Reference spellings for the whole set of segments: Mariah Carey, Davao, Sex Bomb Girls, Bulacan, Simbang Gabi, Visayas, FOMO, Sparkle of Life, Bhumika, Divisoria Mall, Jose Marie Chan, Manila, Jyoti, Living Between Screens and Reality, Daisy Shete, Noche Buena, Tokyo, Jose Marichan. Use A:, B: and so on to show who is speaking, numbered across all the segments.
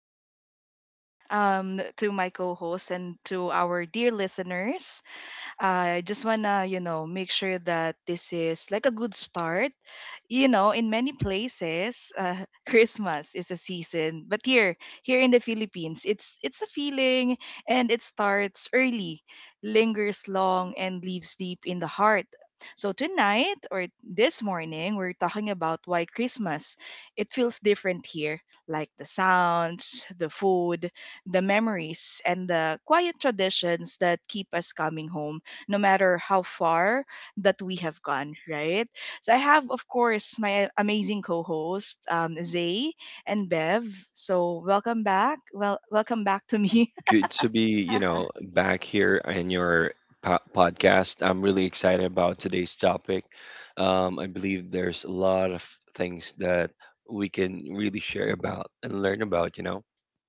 A: morning to my co host and to our dear listeners. I just wanna, you know, make sure that this is like a good start. You know, in many places, Christmas is a season, but here, here in the Philippines, it's a feeling, and it starts early, lingers long, and lives deep in the heart. So tonight or this morning, we're talking about why Christmas it feels different here, like the sounds, the food, the memories, and the quiet traditions that keep us coming home no matter how far that we have gone, right? So I have, of course, my amazing co-host, Zay and Bev. So welcome back. Well, welcome back to me.
B: Good to be back here in your podcast. I'm really excited about today's topic. I believe there's a lot of things that we can really share about and learn about, you know?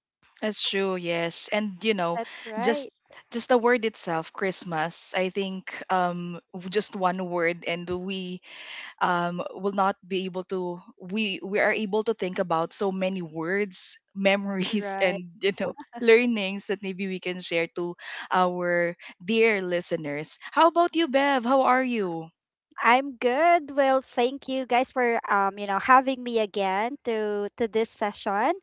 A: That's true. Yes, and you know,
C: That's
A: just
C: right.
A: just the word itself, Christmas. I think just one word, and we will not be able to we are able to think about so many words, memories
C: Right.
A: and you know learnings that maybe we can share to our dear listeners. How about you, Bev? How are you?
C: I'm good. Well, thank you guys for having me again to this session.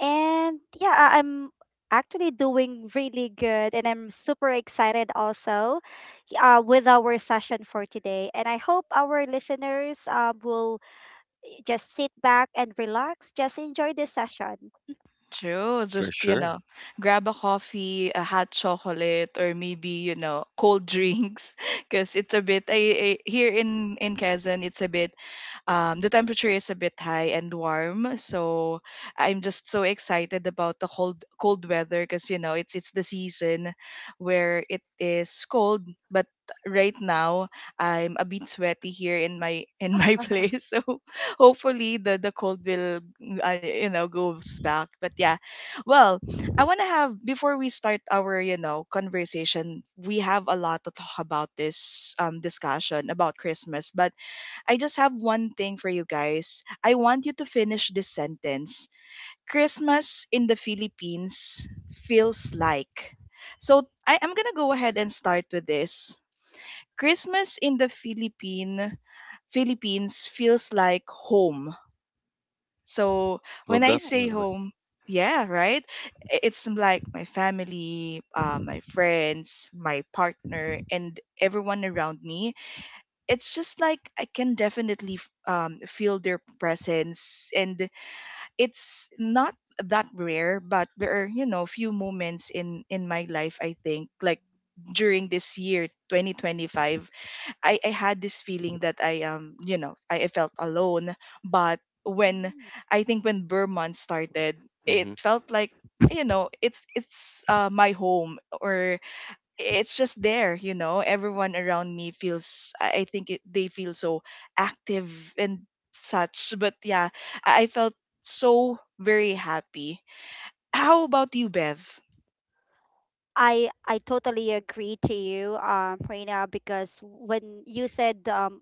C: And yeah, I'm actually doing really good, and I'm super excited also with our session for today. And I hope our listeners will just sit back and relax, just enjoy this session.
A: True,
B: For
A: just you
B: sure.
A: know, grab a coffee, a hot chocolate, or maybe you know cold drinks because it's a bit, I here in Quezon it's a bit, the temperature is a bit high and warm. So I'm just so excited about the cold weather because you know it's the season where it is cold, but right now I'm a bit sweaty here in my place. So hopefully the cold will, you know, goes back, but yeah. Well, I want to have, before we start our, you know, conversation, we have a lot to talk about this discussion about Christmas, but I just have one thing for you guys. I want you to finish this sentence. Christmas in the Philippines feels like. So I'm gonna go ahead and start with this. Christmas in the Philippines feels like home. So
B: Well,
A: when I say
B: definitely.
A: home, yeah, right? I- It's like my family, my friends, my partner, and everyone around me, it's just like I can definitely feel their presence, and it's not that rare, but there are you know few moments in my life, I think, like during this year 2025, I had this feeling that I felt alone. But when, I think when Burman started, it
B: Hmm.
A: felt like, you know, it's my home, or it's just there, you know, everyone around me feels, I think they feel so active and such. But yeah, I felt so very happy. How about you, Bev?
C: I totally agree to you, Reina, because when you said um,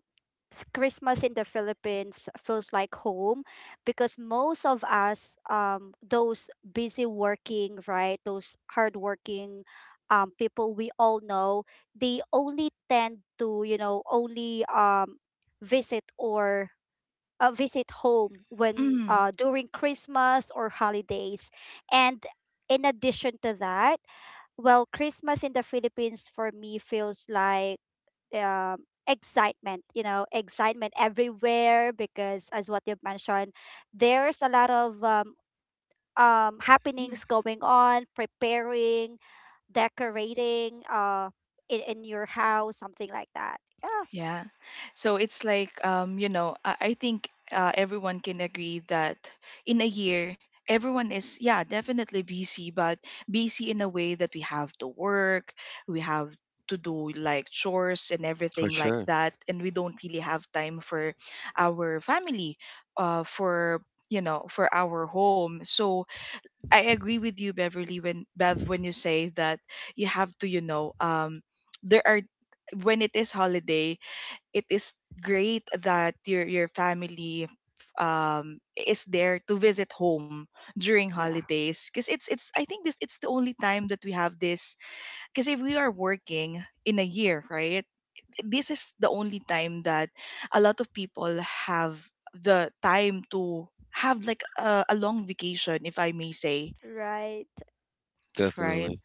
C: f- Christmas in the Philippines feels like home, because most of us, those busy working, right, those hardworking, people we all know, they only tend to, only visit or visit home when
A: Mm.
C: during Christmas or holidays. And in addition to that, well, Christmas in the Philippines for me feels like excitement, you know, excitement everywhere because, as what you've mentioned, there's a lot of happenings going on, preparing, decorating in your house, something like that. Yeah.
A: Yeah. So it's like, you know, I think everyone can agree that in a year, everyone is, yeah, definitely busy, but busy in a way that we have to work, we have to do like chores and
B: For
A: everything like
B: sure.
A: that. And we don't really have time for our family, for, you know, for our home. So I
C: Mhm.
A: agree with you, Beverly, when Bev, when you say that you have to, you know, there are when it is holiday, it is great that your family is there to visit home during
C: Yeah.
A: holidays because it's I think this it's the only time that we have this. Because if we are working in a year, right, this is the only time that a lot of people have the time to have like a long vacation, if I may say,
C: Right.
A: right?
B: Definitely.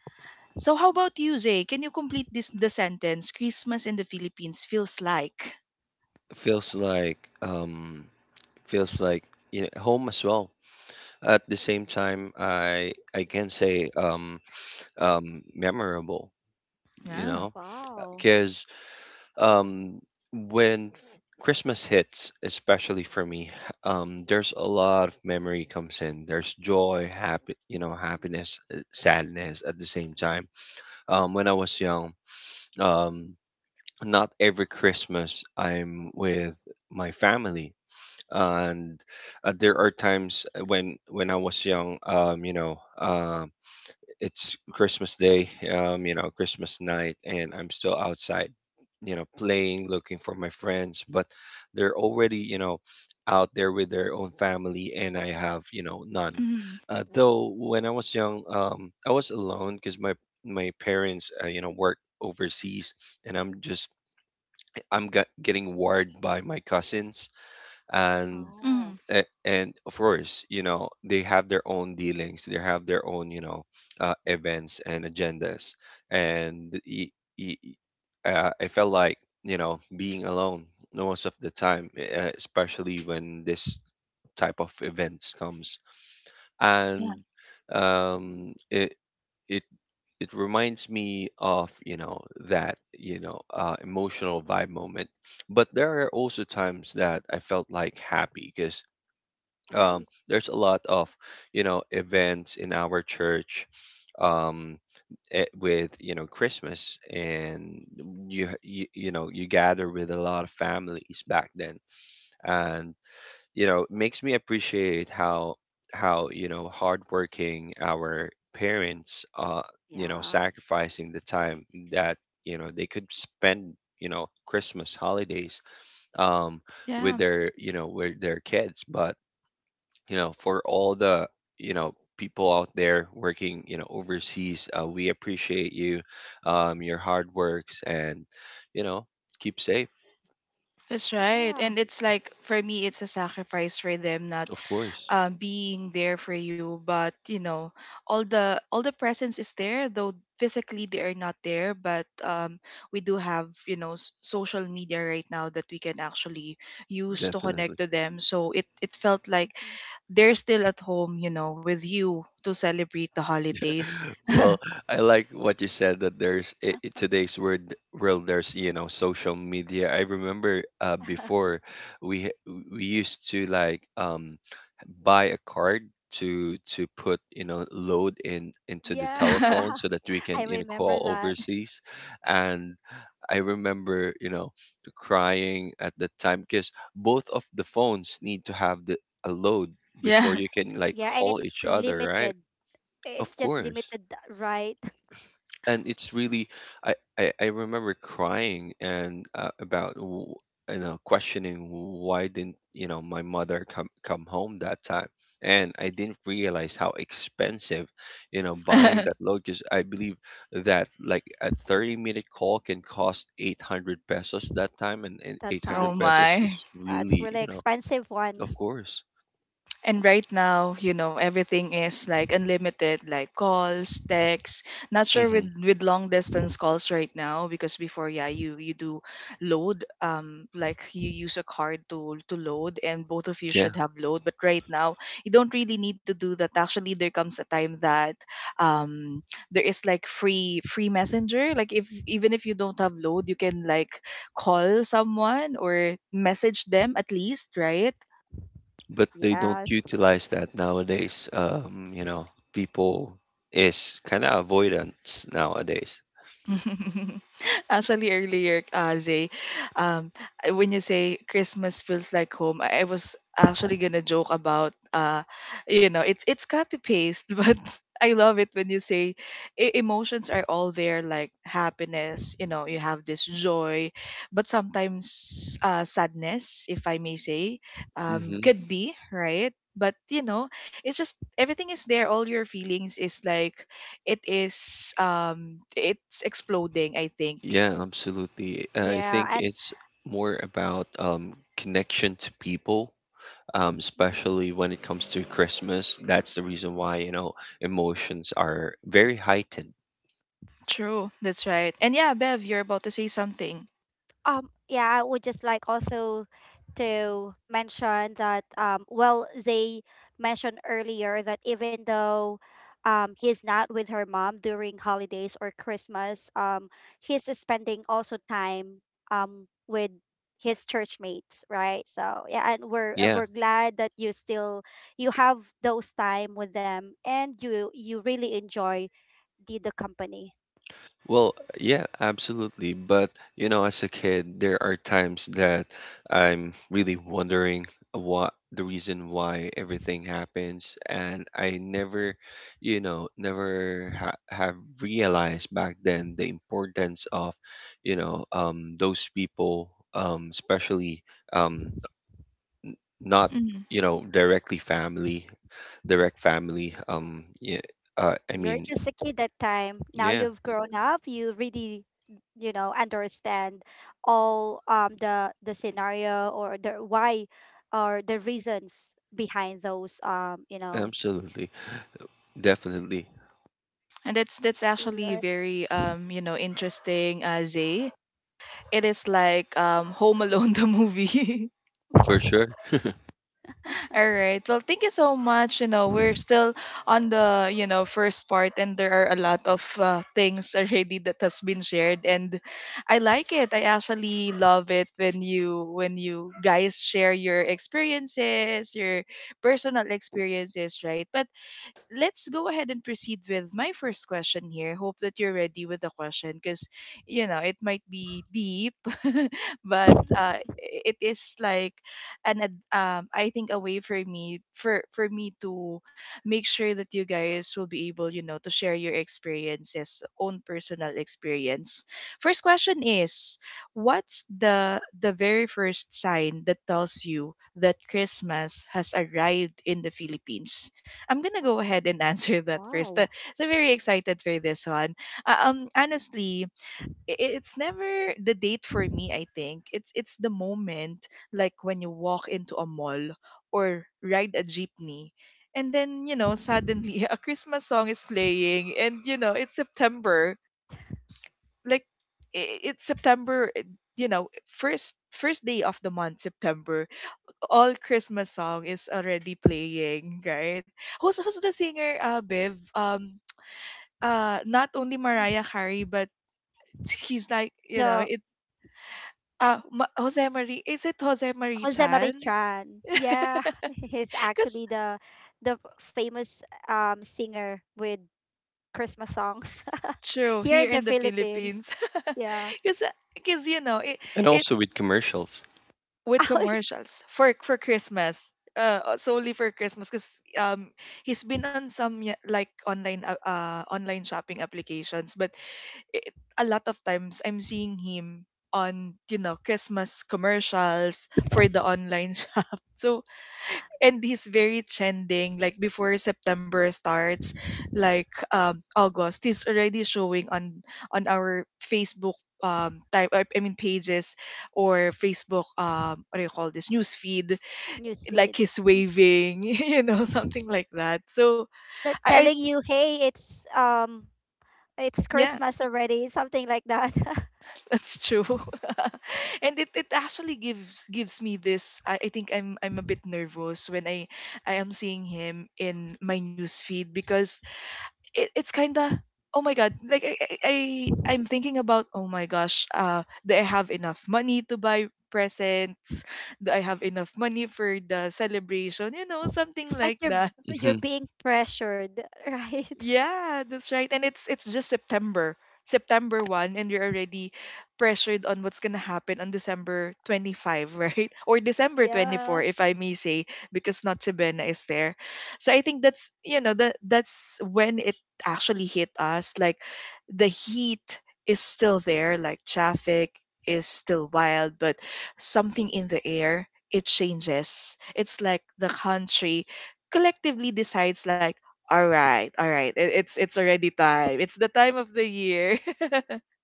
A: So how about you, Zay, can you complete this the sentence, Christmas in the Philippines feels like?
B: Feels like, feels like, home as well. At the same time, I can say memorable, you
A: Yeah.
B: know,
C: Wow.
B: because um when Christmas hits, especially for me, there's a lot of memory comes in. There's joy, happy, happiness, sadness at the same time. When I was young, um not every Christmas I'm with my family. And there are times when I was young, it's Christmas Day, Christmas night, and I'm still outside, playing, looking for my friends, but they're already, out there with their own family, and I have, none.
A: Mm-hmm.
B: Though when I was young, I was alone because my parents, work overseas, and I'm getting worried by my cousins. and
C: Oh.
B: a- and of course they have their own dealings, they have their own, events and agendas. And y- I felt like being alone most of the time, especially when this type of events comes.
A: Yeah,
B: And um it it it reminds me of, you know that you know emotional vibe moment. But there are also times that I felt like happy because,
C: Nice.
B: there's a lot of events in our church, um, with Christmas. And you you know you gather with a lot of families back then. And it makes me appreciate how hardworking our parents,
C: Yeah.
B: sacrificing the time that, they could spend, Christmas holidays, um
A: yeah,
B: with their kids. But, for all the, people out there working, overseas, we appreciate you. Your hard works, and you know keep safe.
A: that's right.
C: Yeah.
A: And it's like for me, it's a sacrifice for them not,
B: Of course.
A: being there for you. But you know, all the presence is there, though physically they are not there. But we do have you know social media right now that we can actually use to
B: Definitely.
A: connect to them. So it felt like
C: Mhm.
A: they're still at home, you know, with you to celebrate the holidays.
B: Well, I like what you said that there's I- today's word world. There's social media. I remember, before, we h- we used to like, buy a card to put, load in into the
C: Yeah.
B: telephone so that we
C: I
B: can,
C: remember
B: call
C: that.
B: overseas. And I remember, crying at the time because both of the phones need to have the a load before
A: Yeah.
B: you can like
C: Yeah, and
B: call
C: it's
B: each other,
C: limited.
B: right?
C: It's
B: Of
C: just
B: course.
C: limited, right?
B: And it's really, I remember crying, and, about w- you know questioning why didn't, my mother come home that time. And I didn't realize how expensive, buying that load, because I believe that like a 30-minute call can cost 800 pesos that time, and
C: That
B: 800
A: Oh
C: time.
B: pesos
A: my.
B: is
C: That's
B: really
C: really
B: you know
C: expensive
B: Of
C: one.
B: course.
A: And right now, you know, everything is like unlimited, like calls, texts. Not sure
B: Hmm.
A: with long distance calls right now because before, yeah, you do load, like you use a card to load, and both of you
B: Yeah.
A: should have load. But right now, you don't really need to do that. Actually, there comes a time that, um, there is like free messenger. Like if even if you don't have load, you can like call someone or message them at least, right?
B: But they don't
C: Yes.
B: utilize that nowadays. People is kind of avoidance nowadays.
A: Actually, earlier, Zay, um, when you say Christmas feels like home, I was actually gonna joke about, you know, it's copy paste, but I love it when you say emotions are all there, like happiness. You know, you have this joy, but sometimes sadness, if I may say,
B: Hmm.
A: could be right. But you know, it's just everything is there. All your feelings is like it is it's exploding, I think.
B: Yeah, absolutely. I
C: Yeah,
B: think
C: and
B: it's more about, connection to people,
C: Mhm.
B: especially when it comes to Christmas. That's the reason why, emotions are very heightened.
A: True, that's right. And yeah, Bev, you're about to say something.
C: Yeah, I would just like also to mention that well, they mentioned earlier that even though he's not with her mom during holidays or Christmas, he's spending also time with his church mates, right? So yeah, and we're uh,
B: Yeah.
C: we're glad that you still you have those time with them and you really enjoy the company.
B: Well, yeah, absolutely. But, as a kid, there are times that I'm really wondering what the reason why everything happens. And I never, you know, never ha have realized back then the importance of, those people, especially, um, not,
A: Mhm.
B: directly family, direct family. Yeah, I
C: You're
B: mean,
C: just a kid that time. Now
B: yeah,
C: you've grown up, you really, you know, understand all the scenario or the why or the reasons behind those
B: absolutely. Definitely.
A: And that's actually
C: Right.
A: very you know, interesting, Zay. It is like Home Alone the movie.
B: For sure.
A: All right. Well, thank you so much. You know, we're still on the, you know, first part and there are a lot of things already that has been shared, and I like it. I actually love it when you guys share your experiences, your personal experiences, right? But let's go ahead and proceed with my first question here. Hope that you're ready with the question because, you know, it might be deep, but it is like I think a way for me for me to make sure that you guys will be able, you know, to share your experiences, own personal experience. First question is, what's the very first sign that tells you that Christmas has arrived in the Philippines? I'm gonna go ahead and answer that first.
C: Wow.
A: So very excited for this one. Honestly, it's never the date for me. I think it's the moment, like when you walk into a mall or ride a jeepney, and then you know
C: Mhm.
A: suddenly a Christmas song is playing, and you know it's September. Like it's September. You know, first day of the month, September, all Christmas song is already playing, right? Who's the singer, Bev? Not only
C: Mm.
A: Mariah Carey, but he's like, you know,
C: The
A: it. Jose Marie, is it Jose Marie
C: Jose Marie
A: Chan?
C: Chan. Yeah, he's
A: Because
C: actually the famous singer with Christmas songs.
A: true
C: Here in
A: here
C: the
A: in the
C: Philippines.
A: Philippines,
C: Yeah.
A: because because you know it
B: And
A: it
B: also with commercials.
A: with commercials for Christmas. Solely for Christmas, because um, he's been on some yeah, like online online shopping applications, but it, a lot of times I'm seeing him on you know Christmas commercials for the online shop. So and he's very trending. Like before September starts, like August, he's already showing on our Facebook type I mean pages or Facebook what do you call this news feed, like
C: Newsfeed.
A: he's waving you know something like that, so I
C: Telling you, "Hey, it's
A: yeah.
C: Christmas already," something like that.
A: That's true. And it actually gives me this, I think I'm a bit nervous when I am seeing him in my news feed because it, it's kinda oh my god. Like, I'm thinking about oh my gosh, uh, do I have enough money to buy presents, do I have enough money for the celebration, you know, something
C: It's like
A: like
C: you're
A: that.
C: you're
B: Hmm.
C: being pressured, right?
A: Yeah, that's right. And it's just September. September 1st and you're already pressured on what's going to happen on December 25, right? Or December
C: Yeah,
A: 24 if I may say, because Noche Buena is there. So I think that's, you know, that that's when it actually hit us like the heat is still there, like traffic is still wild, but something in the air, it changes. It's like the country collectively decides like all right, all right. It's already time. It's the time of the year.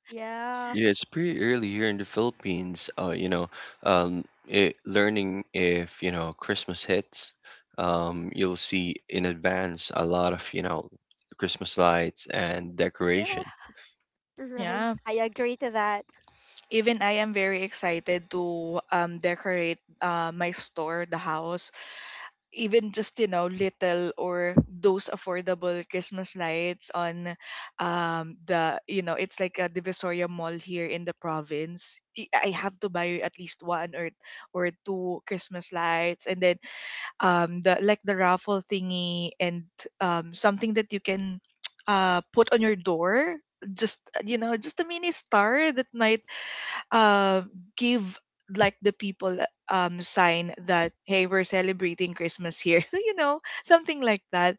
C: yeah,
B: Yeah, it's pretty early here in the Philippines. Um, learning if Christmas hits, you'll see in advance a lot of Christmas lights and
C: yeah.
B: decoration.
C: Right.
A: Yeah,
C: I agree to that.
A: even I am very excited to decorate my store, the house, even just you know little or those affordable Christmas lights on the you know it's like a Divisoria Mall here in the province. I have to buy at least one or two Christmas lights, and then the, like, the raffle thingy, and something that you can put on your door, just just a mini star that might uh give, like, the people sign that, hey, we're celebrating Christmas here. So, you know, something like that.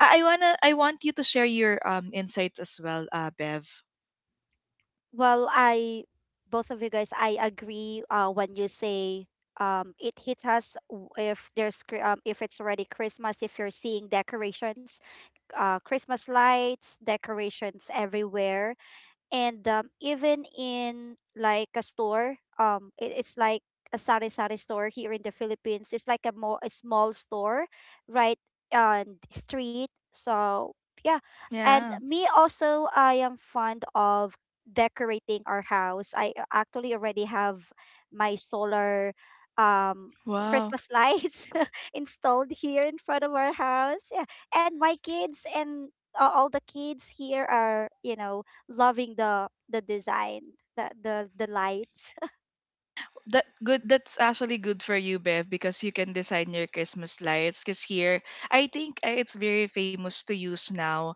A: I want you to share your insights as well, Bev.
C: Well, I both of you guys, I agree. When you say it hits us if there's if it's already Christmas. If you're seeing decorations, Christmas lights, decorations everywhere, and even in like a store it's like a sari sari store here in the Philippines. It's like a more a small store right on the street. So yeah, and
A: Yeah.
C: me also, I am fond of decorating our house. I actually already have my solar um
A: Wow.
C: Christmas lights installed here in front of our house. Yeah, and my kids and all the kids here are, you know, loving the design, the lights.
A: That good. That's actually good for you, Bev, because you can design your Christmas lights. Because here, I think, it's very famous to use now,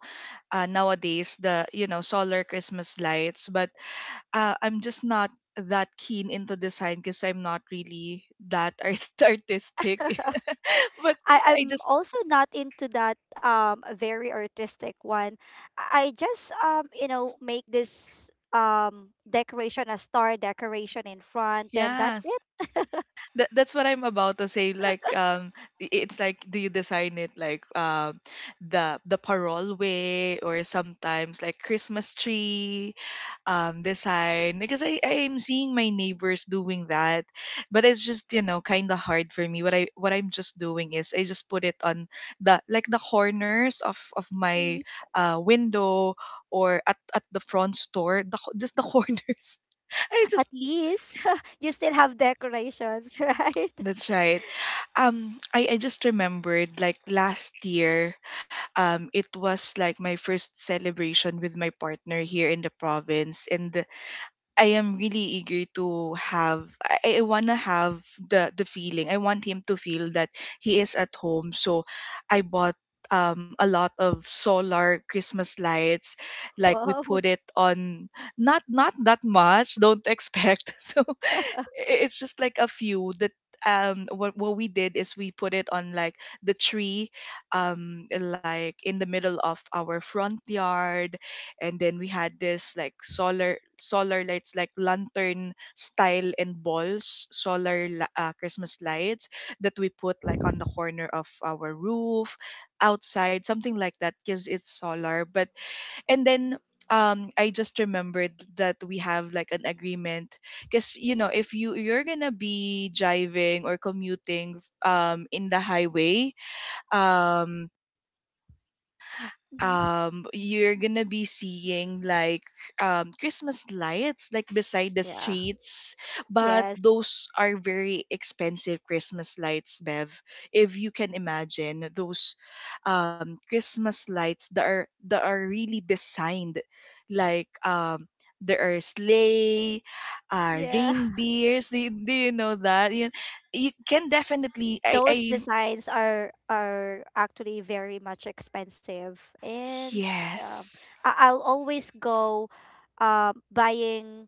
A: nowadays, the, you know, solar Christmas lights. But I'm just not that keen into design, because I'm not really that artistic. But
C: I,
A: I
C: I'm
A: just—
C: also not into that very artistic one. I just you know, make this decoration, a star decoration in front, and that's
A: Yeah,
C: it.
A: that's what I'm about to say. Like, it's like, do you design it like, the parole way, or sometimes like Christmas tree design, because I'm seeing my neighbors doing that, but it's just, you know, kind of hard for me. What I'm just doing is I just put it on the, like, the corners of my
C: Mm.
A: window, or at the front store, just the corners. I just—
C: At least you still have decorations, right?
A: That's right. I just remembered, like, last year, it was like my first celebration with my partner here in the province, and I am really eager to have— I wanna have the feeling. I want him to feel that he is at home. So I bought a lot of solar Christmas lights. Like we
C: Wow.
A: put it on, not that much, don't expect. So, it's just like a few that what we did is we put it on, like, the tree, like in the middle of our front yard, and then we had this, like, solar lights, like lantern style, and balls Christmas lights that we put, like, on the corner of our roof outside, something like that, because it's solar. But, and then, I just remembered that we have like an agreement, because, you know, if you're gonna be driving or commuting in the highway, um
C: Mhm.
A: you're gonna be seeing, like, Christmas lights, like, beside the
C: Yeah.
A: streets. But
C: Yes.
A: those are very expensive Christmas lights, Bev. If you can imagine those Christmas lights that are really designed, like, there are sleigh,
C: Yeah.
A: reindeers. Do you know that you can definitely—
C: Those
A: I
C: designs are actually very much expensive, and um,
A: Yes.
C: I'll always go buying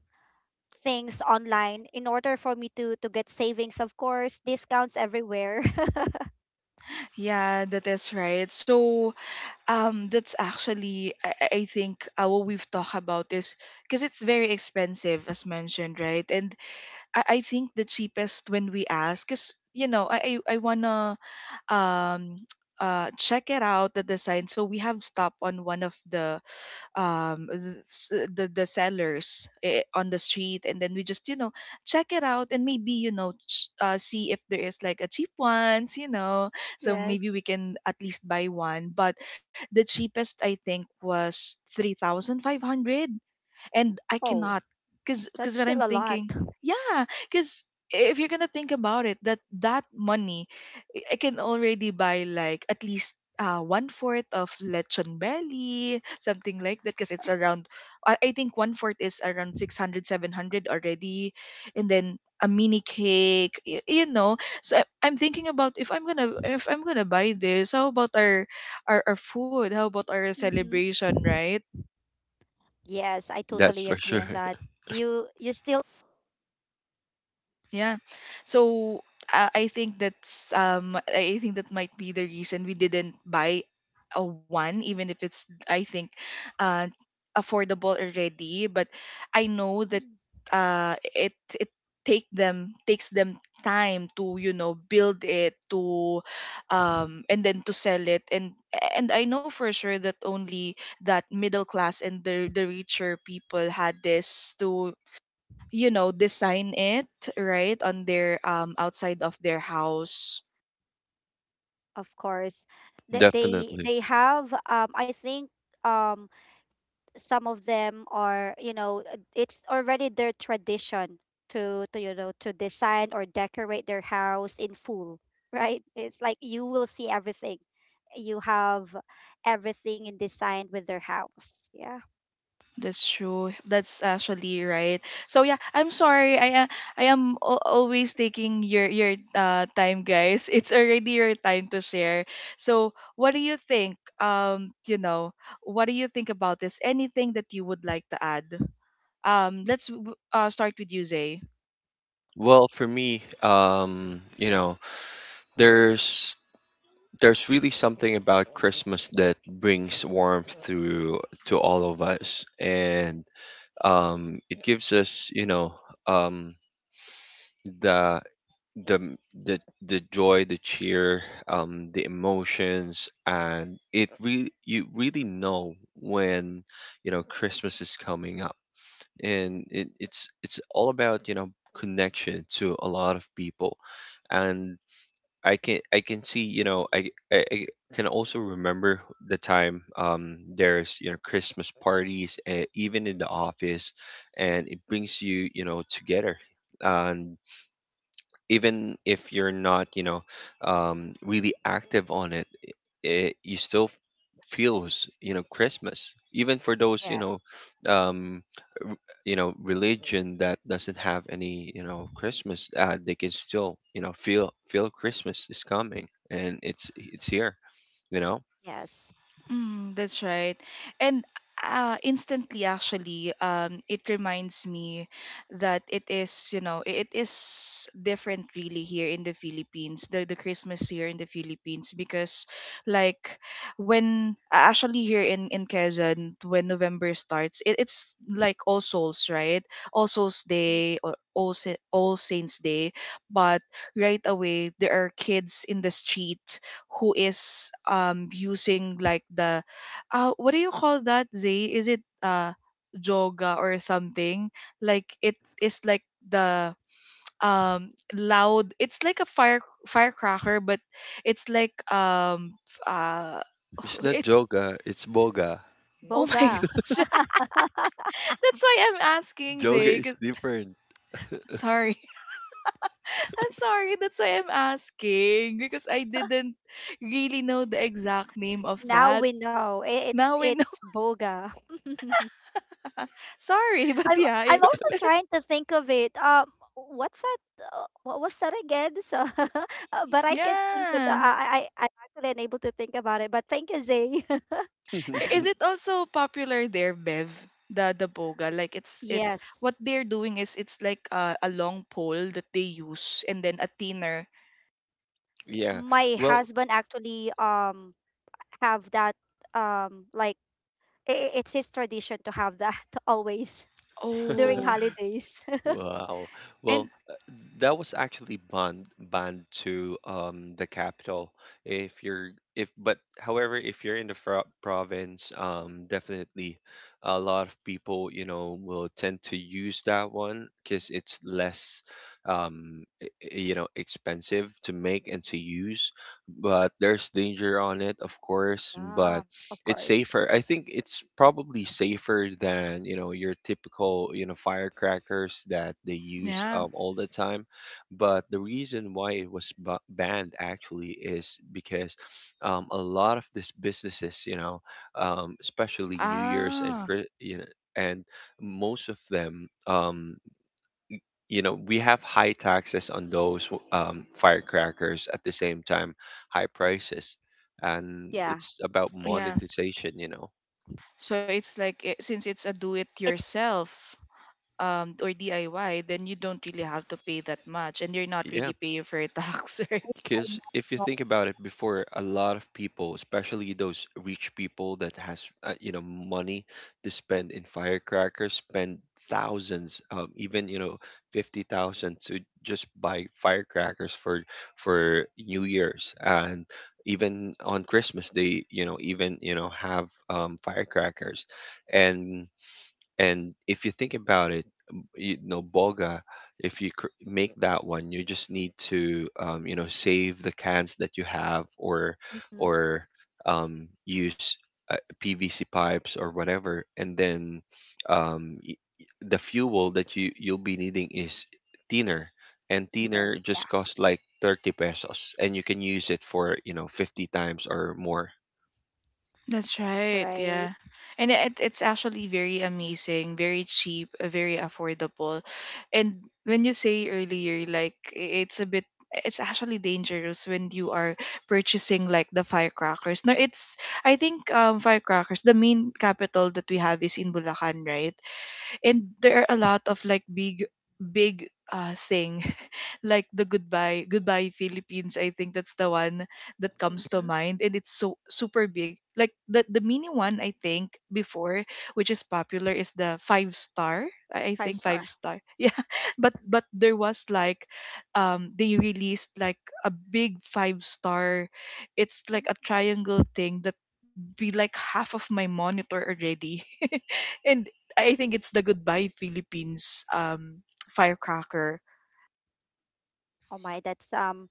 C: things online in order for me to get savings. Of course, discounts everywhere.
A: Yeah, that is right. So, that's actually, I think, what we've talked about is, because it's very expensive, as mentioned, right? And I think the cheapest, when we ask, because, you know, I wanna um check it out, the design. So we have stopped on one of the the sellers, on the street, and then we just, you know, check it out, and maybe, you know, see if there is like a cheap ones, you know, so
C: Yes.
A: maybe we can at least buy one. But the cheapest, I think, was 3500, and I
C: Oh,
A: cannot, because
C: that's
A: because when I'm
C: still a lot.
A: thinking— Yeah, because if you're gonna think about it, that money, I can already buy, like, at least one fourth of lechon belly, something like that, because it's around. I think one fourth is around 600, 700 already, and then a mini cake, you know. So, I'm thinking about, if I'm gonna— if I'm gonna buy this, how about our— our food? How about our
C: Mm-hmm.
A: celebration, right?
C: Yes, I
B: That's
C: totally
B: for
C: agree
B: sure.
C: on that. You still
A: Yeah. So, I think that's— I think that might be the reason we didn't buy a one, even if it's, I think, uh affordable already. But I know that it it takes them time to, you know, build it to, and then to sell it. And I know for sure that only that middle class and the richer people had this to, you know, design it right on their, outside of their house.
C: of course.
B: Definitely.
C: They have I think um some of them are, you know, it's already their tradition to you know, to design or decorate their house in full. Right, it's like you will see everything. You have everything in design with their house. Yeah.
A: That's true. That's actually right. So yeah, I'm sorry. I am always taking your time, guys. It's already your time to share. So what do you think, you know, what do you think about this? Anything that you would like to add? Let's start with you, Zay.
B: Well, for me, there's there's really something about Christmas that brings warmth to all of us. And it gives us, um, the the m- the the joy, the cheer, the emotions. And it really you really know when, Christmas is coming up. And it's all about, connection to a lot of people. And I can see, I can also remember the time, there's, Christmas parties, even in the office. And it brings you you know together. And even if you're not, really active on it, you still feels, Christmas. Even for those,
C: Yes.
B: um, r- religion that doesn't have any, Christmas, they can still, feel Christmas is coming, and it's here, you know.
C: Yes.
A: Mm, that's right. And instantly, actually, it reminds me that it is, you know, it is different really here in the Philippines, the Christmas here in the Philippines, because, like, when, actually here in Quezon, when November starts, it's like All Souls, right? All Souls
C: Mhm.
A: Day, or All Saints Day. But right away, there are kids in the street who is using, like, the what do you call that, Zay? Is it yoga or something? Like, it is like the loud, it's like a firecracker, but it's like,
B: It's
A: it.
B: not yoga, it's boga.
A: Oh my
C: Boga.
A: gosh. That's why I'm asking
B: Yoga
A: Zay
B: is different.
A: sorry. I'm sorry. That's why I'm asking, because I didn't really know the exact name of
C: Now
A: that.
C: we know
A: Now we—
C: it's boga.
A: Uh, sorry, but
C: I'm
A: yeah,
C: I'm also trying to think of it. What's that? What was that again? So, but I can think it. uh,
A: Yeah.
C: I I I- I'm actually unable to think about it. But thank you, Zay.
A: Is it also popular there, Bev? The boga, like, it's
C: Yes,
A: what they're doing is, it's like a, long pole that they use, and then a thinner.
B: Yeah.
C: my
B: Well,
C: husband actually have that like it's his tradition to have that always during
A: Oh,
C: holidays.
B: wow.
A: and
B: Well, that was actually bond to the capital. If you're if But however, if you're in the province, definitely a lot of people, will tend to use that one because it's less, expensive to make and to use. But there's danger on it, of course,
C: Yeah,
B: but
C: of
B: it's
C: course.
B: safer. I think it's probably safer than your typical firecrackers that they use,
A: yeah,
B: all the time. But the reason why it was banned actually is because, a lot of these businesses, especially New Year's and
A: ah,
B: And most of them, we have high taxes on those, firecrackers at the same time, high prices. And
C: Yeah,
B: it's about
A: yeah.
B: monetization.
A: So it's like, since it's a
C: it's.
A: do-it-yourself or DIY, then you don't really have to pay that much, and you're not
B: Yeah,
A: really paying for tax, right?
B: because if you
C: Fine.
B: think about it, before, a lot of people, especially those rich people that has, money to spend in firecrackers, spend thousands, even 50,000 to just buy firecrackers for New Year's. And even on Christmas, they even have, firecrackers. And and if you think about it, boga, if you make that one, you just need to, save the cans that you have, or,
C: Mhm.
B: or use, uh, PVC pipes or whatever. And then, um, y- the fuel that you'll be needing is thinner. And
C: Peter.
B: thinner
C: Yeah,
B: just costs like 30 pesos. And you can use it for, 50 times or more.
A: That's
C: that's
A: right.
C: right.
A: Yeah. And it's actually very amazing, very cheap, very affordable. And when you say earlier, like, it's a bit, it's actually dangerous when you are purchasing, like, the firecrackers. No, it's, I think, firecrackers, the main capital that we have is in Bulacan, right? And there are a lot of, like, big, big thing, like the Goodbye Goodbye Philippines, I think that's the one that comes to
C: Hmm.
A: mind, and it's so super big. Like, the mini one, I think before, which is popular, is the Five Star. I
C: Five
A: think Five
C: star.
A: Star. Yeah. But there was, like, they released, like, a big Five Star. It's like a
C: Mhm.
A: triangle thing that be like half of my monitor already. And I think it's the Goodbye Philippines firecracker.
C: Oh my, that's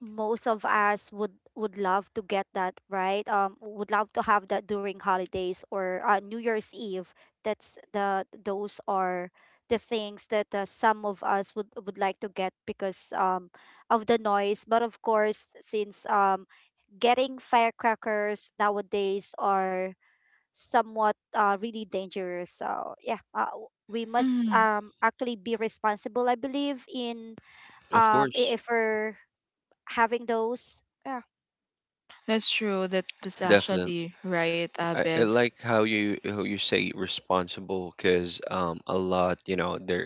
C: most of us would love to get that, right? Would love to have that during holidays or New Year's Eve. That's the those are the things that some of us would like to get because of the noise. But of course, since getting firecrackers nowadays are somewhat really dangerous, so yeah, we must actually be responsible, I believe, in
B: Of course.
C: if we're having those. Yeah.
A: That's true. That's
B: Definitely.
A: actually right,
B: I
A: Bev.
B: like how you say responsible, because, a lot there,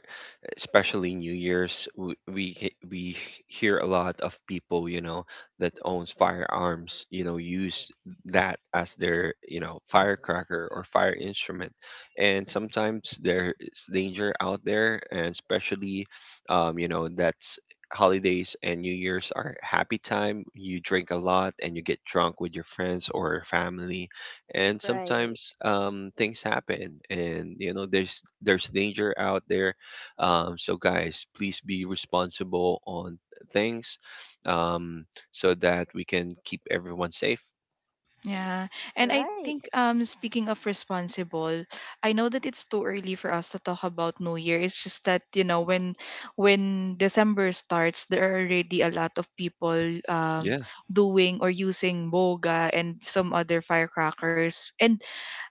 B: especially New Year's, we hear a lot of people, that owns firearms, use that as their, firecracker or fire instrument. And sometimes there's danger out there, and especially, that's holidays, and New Year's are happy time. You drink a lot and you get drunk with your friends or family. And
C: Right.
B: sometimes, things happen, and, there's danger out there. So, guys, please be responsible on things, um, so that we can keep everyone safe.
A: Yeah. And I think,
C: Right.
A: speaking of responsible, I know that it's too early for us to talk about New Year. It's just that, you know, when December starts, there are already a lot of people um
B: Yeah.
A: doing or using boga and some other firecrackers. And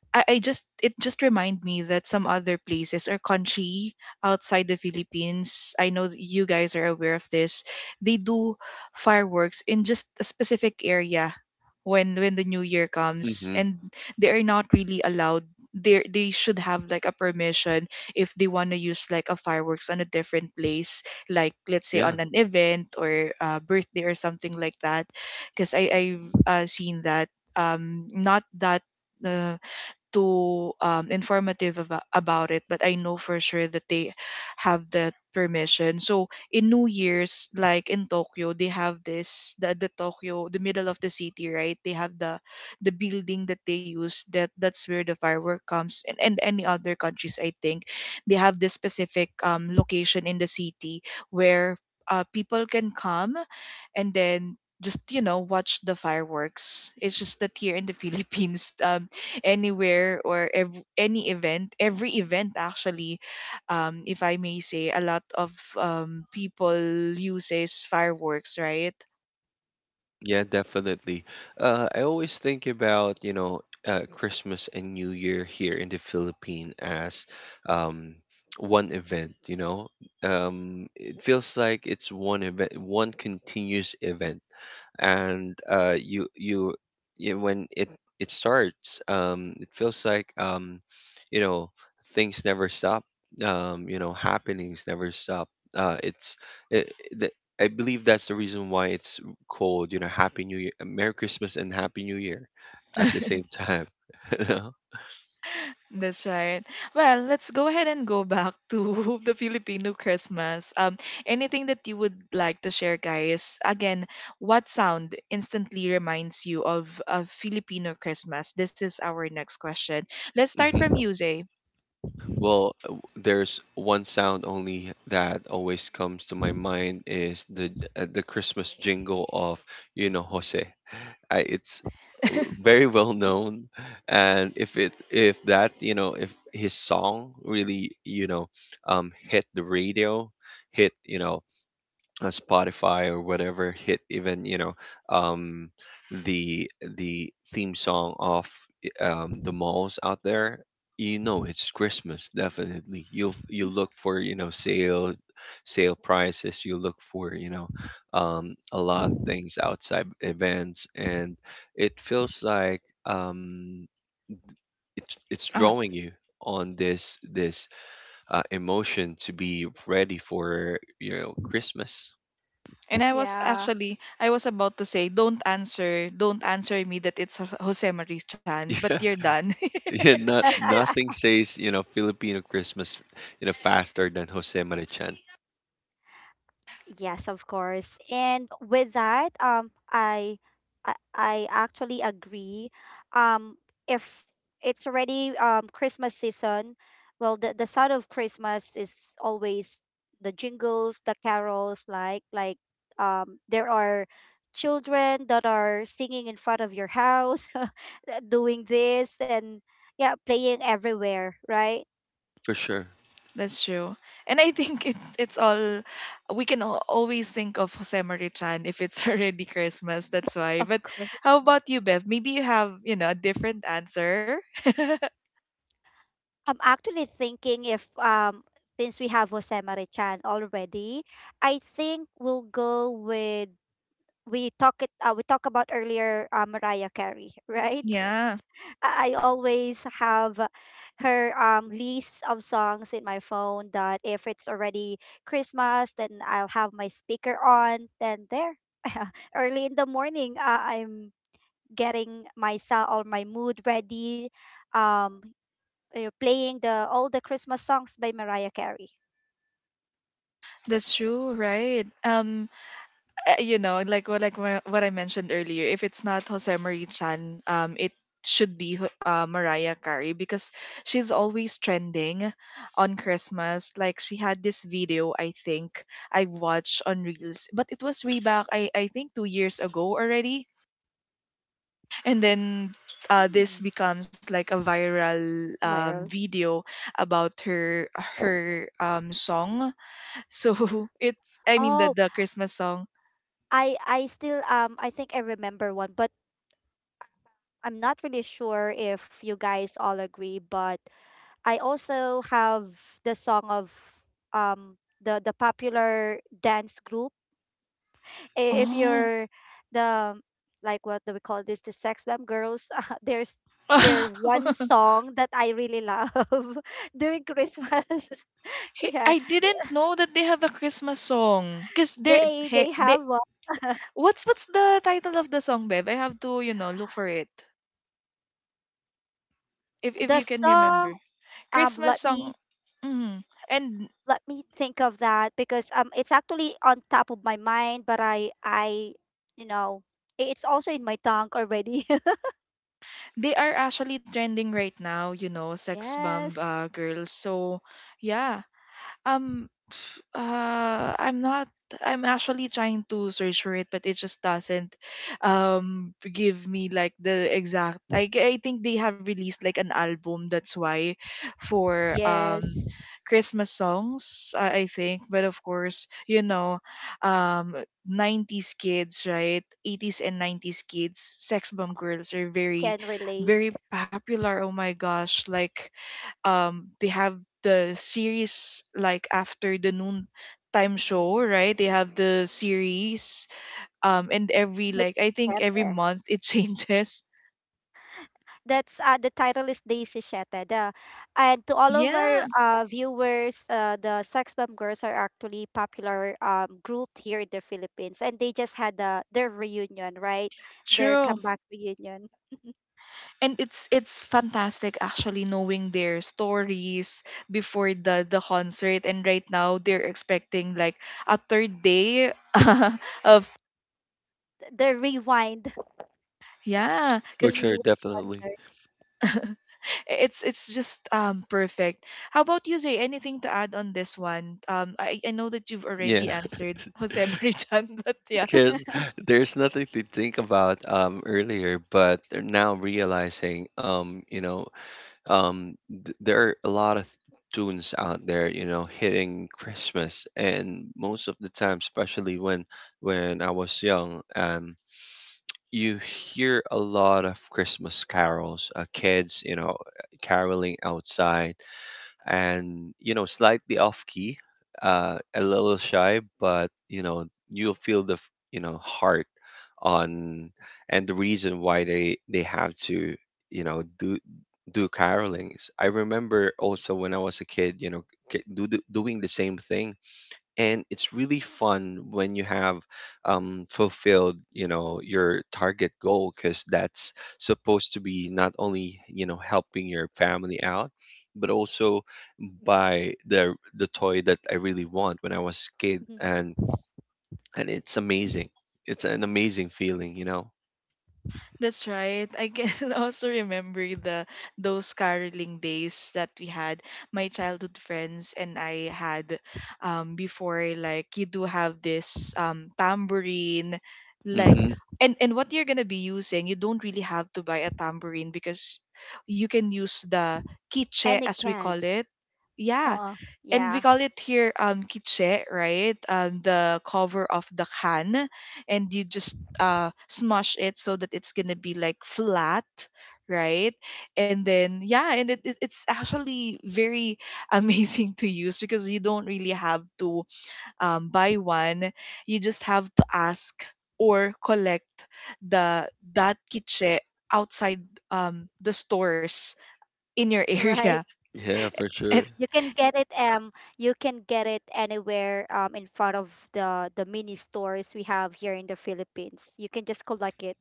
A: I just it just remind me that some other places or country outside the Philippines, I know that you guys are aware of this, they do fireworks in just a specific area when the new year comes,
B: Hmm.
A: and they are not really allowed. They should have like a permission, if they want to use, like, a fireworks on a different place, like, let's say,
B: Yeah,
A: on an event, or birthday, or something like that. Because I've seen that. Not that uh too informative about it, but I know for sure that they have that permission. So in New Year's, like in Tokyo, they have this, the Tokyo, the middle of the city, right? They have the building that they use, that that's where the firework comes, and any other countries, I think, they have this specific location in the city where people can come, and then just, you know, watch the fireworks. It's just that here in the Philippines, anywhere, or any event, every event actually, if I may say, a lot of people uses fireworks, right?
B: yeah, definitely. I always think about, Christmas and New Year here in the Philippines as, um, one event. It feels like it's one event, one continuous event. And when it starts, it feels like, you know things never stop. Happenings never stop. Uh, it's it, the, I believe that's the reason why it's called, Happy New Year, Merry Christmas, and Happy New Year at the same time. you know?
A: That's right. Well, let's go ahead and go back to the Filipino Christmas. Anything that you would like to share, guys? Again, what sound instantly reminds you of a Filipino Christmas? This is our next question. Let's start
B: Hmm.
A: from you, Zay.
B: Well, there's one sound only that always comes to my mind is the Christmas jingle of, Jose. It's, very well known. And if his song really, hit the radio, hit, Spotify or whatever, hit even, um, the the theme song of, the malls out there, it's Christmas definitely. You look for, sale prices. You look for, a lot of things outside events. And it feels like, it's drawing you on this, emotion to be ready for, Christmas.
A: And I was
C: Yeah.
A: actually— I was about to say, don't answer, don't answer me that it's Jose Marie-chan, but you're done.
B: Yeah, no, nothing says, Filipino Christmas, faster than Jose Marichan.
C: Yes, of course. And with that, I actually agree. Um, if it's already Christmas season, well, the sound of Christmas is always the jingles, the carols, like there are children that are singing in front of your house, doing this and, yeah, playing everywhere, right?
B: For sure.
A: That's true. And I think, it's all we can always think of Jose Marie-chan if it's already Christmas. That's why.
C: Of
A: But
C: course.
A: how about you, Bev? Maybe you have, you know, a different answer.
C: I'm actually thinking, if since we have Jose Marichan already, I think we'll go with we talk it we talked about earlier, Mariah Carey, right?
A: Yeah,
C: I always have her list of songs in my phone that if it's already Christmas, then I'll have my speaker on. Then there, early in the morning, I'm getting myself or my mood ready. Um, you are playing the all the Christmas songs by Mariah Carey.
A: that's true, right? You know, like what, what I mentioned earlier, if it's not Jose Marie Chan, it should be Mariah Carey, because she's always trending on Christmas. Like she had this video, I think I watched on Reels, but it was way back. I think 2 years ago already, and then— this
C: Hmm.
A: becomes like a viral
C: Viral.
A: video about her, song. So it's, I mean, the
C: Oh,
A: the Christmas song.
C: I still I think I remember one, but I'm not really sure if you guys all agree, but I also have the song of um the popular dance group. If you're the like, what do we call this, the Sex Bomb Girls? There's their one song that I really love during Christmas.
A: Hey,
C: Yeah,
A: I didn't know that they have a Christmas song. Cause they're hey,
C: they
A: they
C: have
A: what's the title of the song, Bev? I have to look for it if you
C: the
A: can
C: song
A: remember. Christmas
C: let
A: song.
C: me
A: Hmm. And
C: think of that because it's actually on top of my mind, but I you know, I- it's also in my tongue already.
A: they are actually trending right now. You know, sex bomb
C: Yes.
A: girls. So yeah. I'm not. I'm actually trying to search for it, but it just doesn't give me like the exact. I think they have released like an album. That's why, for
C: Yes.
A: Christmas songs, I think. But of course, you know, um, 90s kids, right? 80s and 90s kids, sex bomb girls are very,
C: Can relate.
A: very popular. Oh my gosh, like they have the series, like, after the noon time show, right? They have the series and every, like, I
C: Daisy
A: think every
C: Shete.
A: month it changes.
C: That's the title is Daisy Shete. The And to all of our
A: Yeah,
C: viewers, the Sex Bomb Girls are actually popular group here in the Philippines, and they just had their reunion, right? Their
A: true.
C: comeback reunion.
A: And it's fantastic, actually, knowing their stories before the concert, and right now they're expecting like a third day of,
C: The rewind,
A: yeah,
B: For
C: the
A: because
B: sure,
C: rewind
B: definitely.
C: concert.
A: it's just perfect. How about you, Jay? Anything to add on this one? I know that you've
B: Yeah,
A: already answered Jose Marichan, but yeah.
B: because there's nothing to think about earlier, but they're now realizing um there are a lot of tunes out there, you know, hitting Christmas. And most of the time, especially when I was young, you hear a lot of Christmas carols, kids, you know, caroling outside and, you know, slightly off key, a little shy, but, you know, you'll feel the, you know, heart on. And the reason why they have to, you know, do carolings. I remember also when I was a kid, you know, doing the same thing. And it's really fun when you have, fulfilled, you know, your target goal, because that's supposed to be not only, you know, helping your family out, but also buy the toy that I really want when I was a kid.
C: Mhm.
B: And it's amazing. It's an amazing feeling, you know.
A: That's right. I can also remember the, those caroling days that we had. My childhood friends and I had before, like, you do have this tambourine,
B: Mm
A: like,
B: hmm
A: and what you're going to be using, you don't really have to buy a tambourine because you can use the quiche,
C: And it
A: as we call
C: can.
A: it. Yeah,
C: Uh,
A: and we
C: yeah,
A: call it here kitche, right? The cover of the can, and you just smash it so that it's gonna be like flat, right? And then yeah, and it's actually very amazing to use because you don't really have to buy one. You just have to ask or collect the, that kitche outside the stores in your
C: right.
A: area.
B: yeah, for
A: And
B: sure.
C: You can get it you can get it anywhere in front of the mini stores we have here in the Philippines. You can just collect it.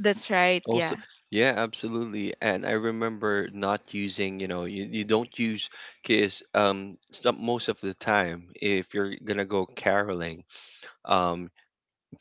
A: that's right,
B: Also,
A: yeah.
B: yeah, absolutely. And I remember not using, you know, you don't use because most of the time if you're gonna go caroling, um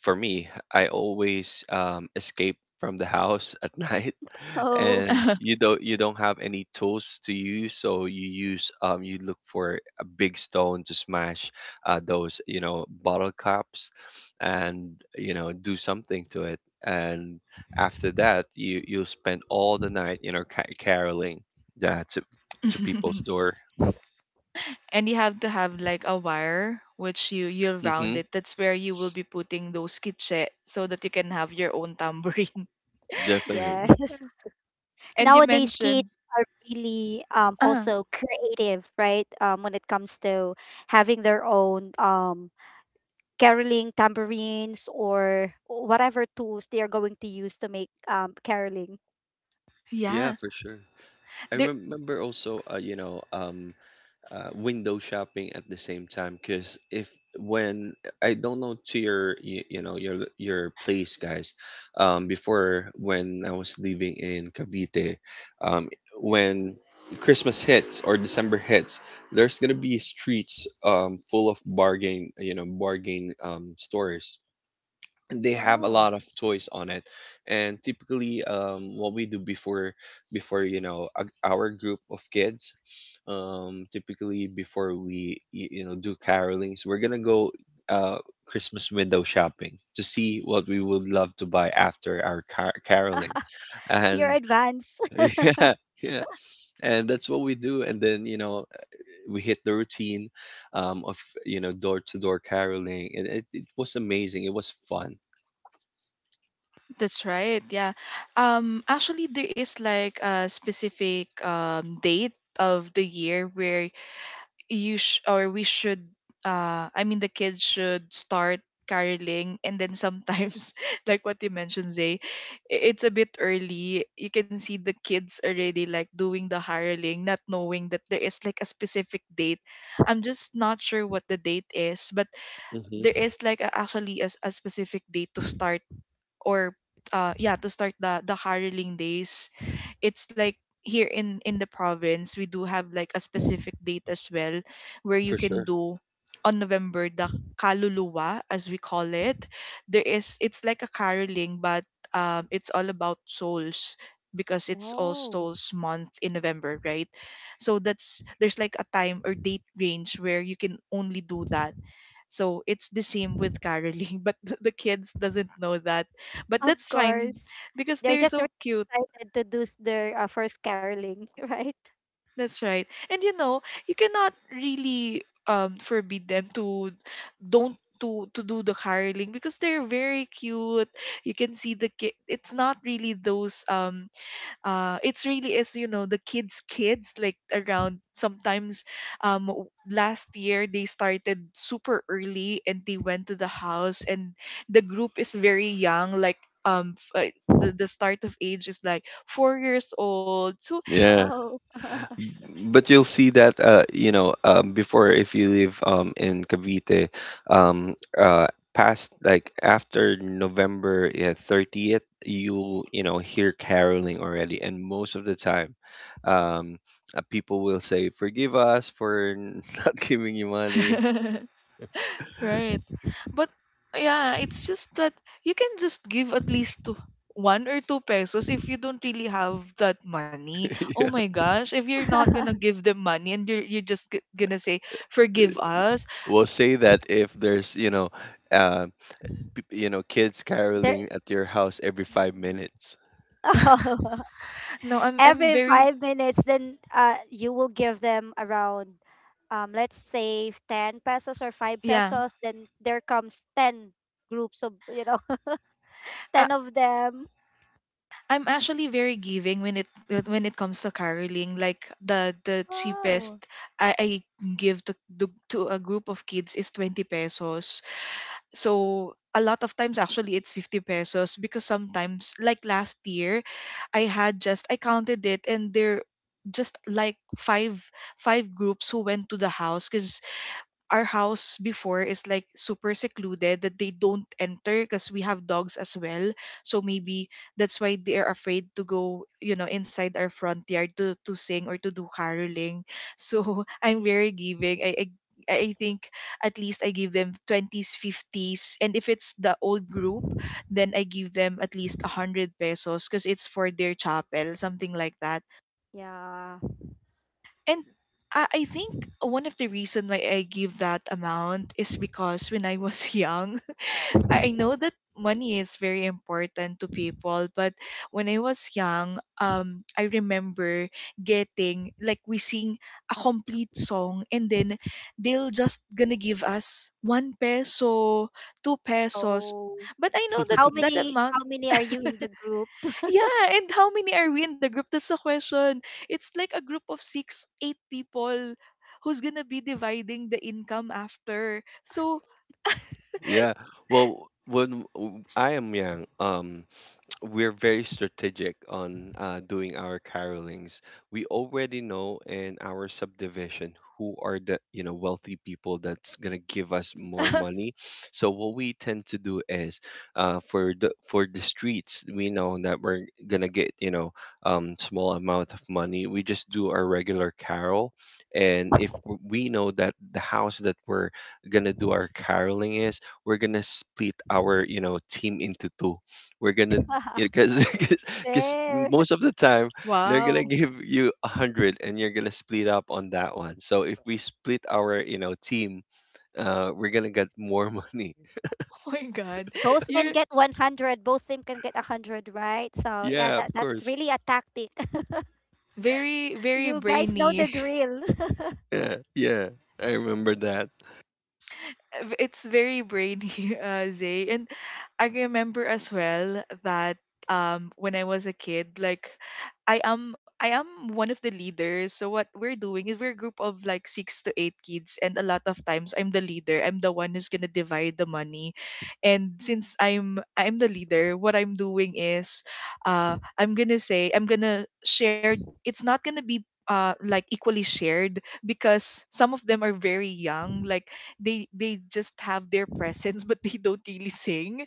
B: for me, I always escape from the house at night.
C: Oh.
B: And you don't have any tools to use, so you use, you look for a big stone to smash, those, you know, bottle caps and, you know, do something to it. And after that, you'll spend all the night, you know, caroling, yeah, to people's door.
A: And you have to have like a wire which you'll
B: Hmm.
A: round. It that's where you will be putting those kitche so that you can have your own tambourine.
C: Yes.
B: Definitely.
A: And you
C: Nowadays,
A: mentioned,
C: kids are really
A: uh
C: also creative, right? When it comes to having their own caroling tambourines or whatever tools they are going to use to make caroling.
B: Yeah,
A: yeah,
B: for sure. I
A: there,
B: remember also, window shopping at the same time because if when I don't know to you, you know, your place, guys. Before, when I was living in Cavite, um when Christmas hits or December hits, there's gonna be streets full of bargain, you know, bargain stores. They have a
C: Wow.
B: lot of toys on it. And typically, what we do before, our group of kids, typically before we, you know, do carolings, we're gonna go uh Christmas window shopping to see what we would love to buy after our caroling.
C: Your
B: And
C: advance.
B: yeah. Yeah, and that's what we do. And then, you know, we hit the routine of you know, door to door caroling, and it was amazing. It was fun.
A: that's right, yeah. Actually there is like a specific date of the year where or we should, I mean the kids should start caroling and then sometimes like what you mentioned, Zay, it's a bit early. You can see the kids already, like, doing the hireling, not knowing that there is like a specific date. I'm just not sure what the date is, but there
B: Hmm.
A: is like a, actually a, a specific date to start, or, yeah, to start the hireling days. It's like here in the province we do have like a specific date as well where you
B: For
A: can
B: sure.
A: do on November, the kaluluwa as we call it. There is, it's like a caroling, but it's all about souls because it's all
C: Oh.
A: souls month in November, right? So that's, there's like a time or date range where you can only do that. So it's the same with caroling but the kids doesn't know that. But
C: Of
A: that's fine
C: course.
A: because
C: They're
A: they're
C: just really
A: so cute.
C: excited to do their first caroling, right?
A: That's right. And you know, you cannot really forbid them to don't to do the hireling because they're very cute. You can see the kid. It's not really those it's really is, you know, the kids, kids like around sometimes. Last year they started super early and they went to the house and the group is very young, like, the start of age is like 4 years old. So
B: Yeah,
C: Oh.
B: but you'll see that, before, if you live, in Cavite, um, uh, past like after November, yeah, 30th, you, you know, hear caroling already. And most of the time, um, people will say, "Forgive us for not giving you money."
A: right. But yeah, it's just that you can just give at least two, one or two pesos if you don't really have that money. Oh my
B: Yeah.
A: gosh, if you're not gonna give them money and you're just gonna say forgive us.
B: We'll say that if there's, you know, uh, you know, kids
C: They're,
B: caroling at your house every five
C: Mm.
B: minutes.
C: Oh.
A: No, I'm
C: Every
A: very,
C: 5 minutes, then you will give them around, let's say, 10 pesos or 5
A: yeah.
C: pesos. Then there comes 10 groups of, you know,
A: I,
C: 10 of them.
A: I'm actually very giving when it, when it comes to caroling. Like the cheapest
C: Wow.
A: I give to, to a group of kids is 20 pesos. So a lot of times actually it's 50 pesos because sometimes like last year I had just, I counted it, and there just like five groups who went to the house because our house before is like super secluded that they don't enter because we have dogs as well. So maybe that's why they are afraid to go, you know, inside our front yard to sing or to do caroling. So I'm very giving. I think at least I give them 20s, 50s. And if it's the old group, then I give them at least 100 pesos because it's for their chapel, something like that.
C: Yeah.
A: And I think one of the reason why I give that amount is because when I was young, I know that money is very important to people, but when I was young, I remember getting, like, we sing a complete song, and then they'll just gonna give us one peso, two pesos.
C: Oh.
A: But I know that that amount,
C: How many are you in the group?
A: yeah, and how many are we in the group? That's the question. It's like a group of six, eight people who's gonna be dividing the income after. So,
B: Yeah. Well, I am young, we're very strategic on doing our carolings. We already know in our subdivision who are the, you know, wealthy people that's gonna give us more money. So what we tend to do is, for the streets, we know that we're gonna get, you know, small amount of money. We just do our regular carol. And if we know that the house that we're gonna do our caroling is, we're gonna split our, you know, team into two. We're gonna, because
C: There.
B: most of the time they're gonna
A: wow.
B: give you a hundred, and you're gonna split up on that one. So if we split our, you know, team, we're gonna get more money.
A: Oh my God.
C: Both can
A: You're
C: get 100, both team can get 100, right? So, yeah,
B: Yeah, of
C: that, that's
B: course.
C: really a tactic.
A: very, very
C: You guys know the
A: brainy.
C: drill.
B: Yeah, yeah, I remember that.
A: It's very brainy, Zay. And I remember as well that when I was a kid, like, I am one of the leaders. So what we're doing is we're a group of like six to eight kids, and a lot of times I'm the leader. I'm the one who's gonna divide the money, and
C: Mm.
A: since I'm the leader, what I'm doing is, I'm gonna say I'm gonna share. It's not gonna be like equally shared because some of them are very young, like, they just have their presence but they don't really sing.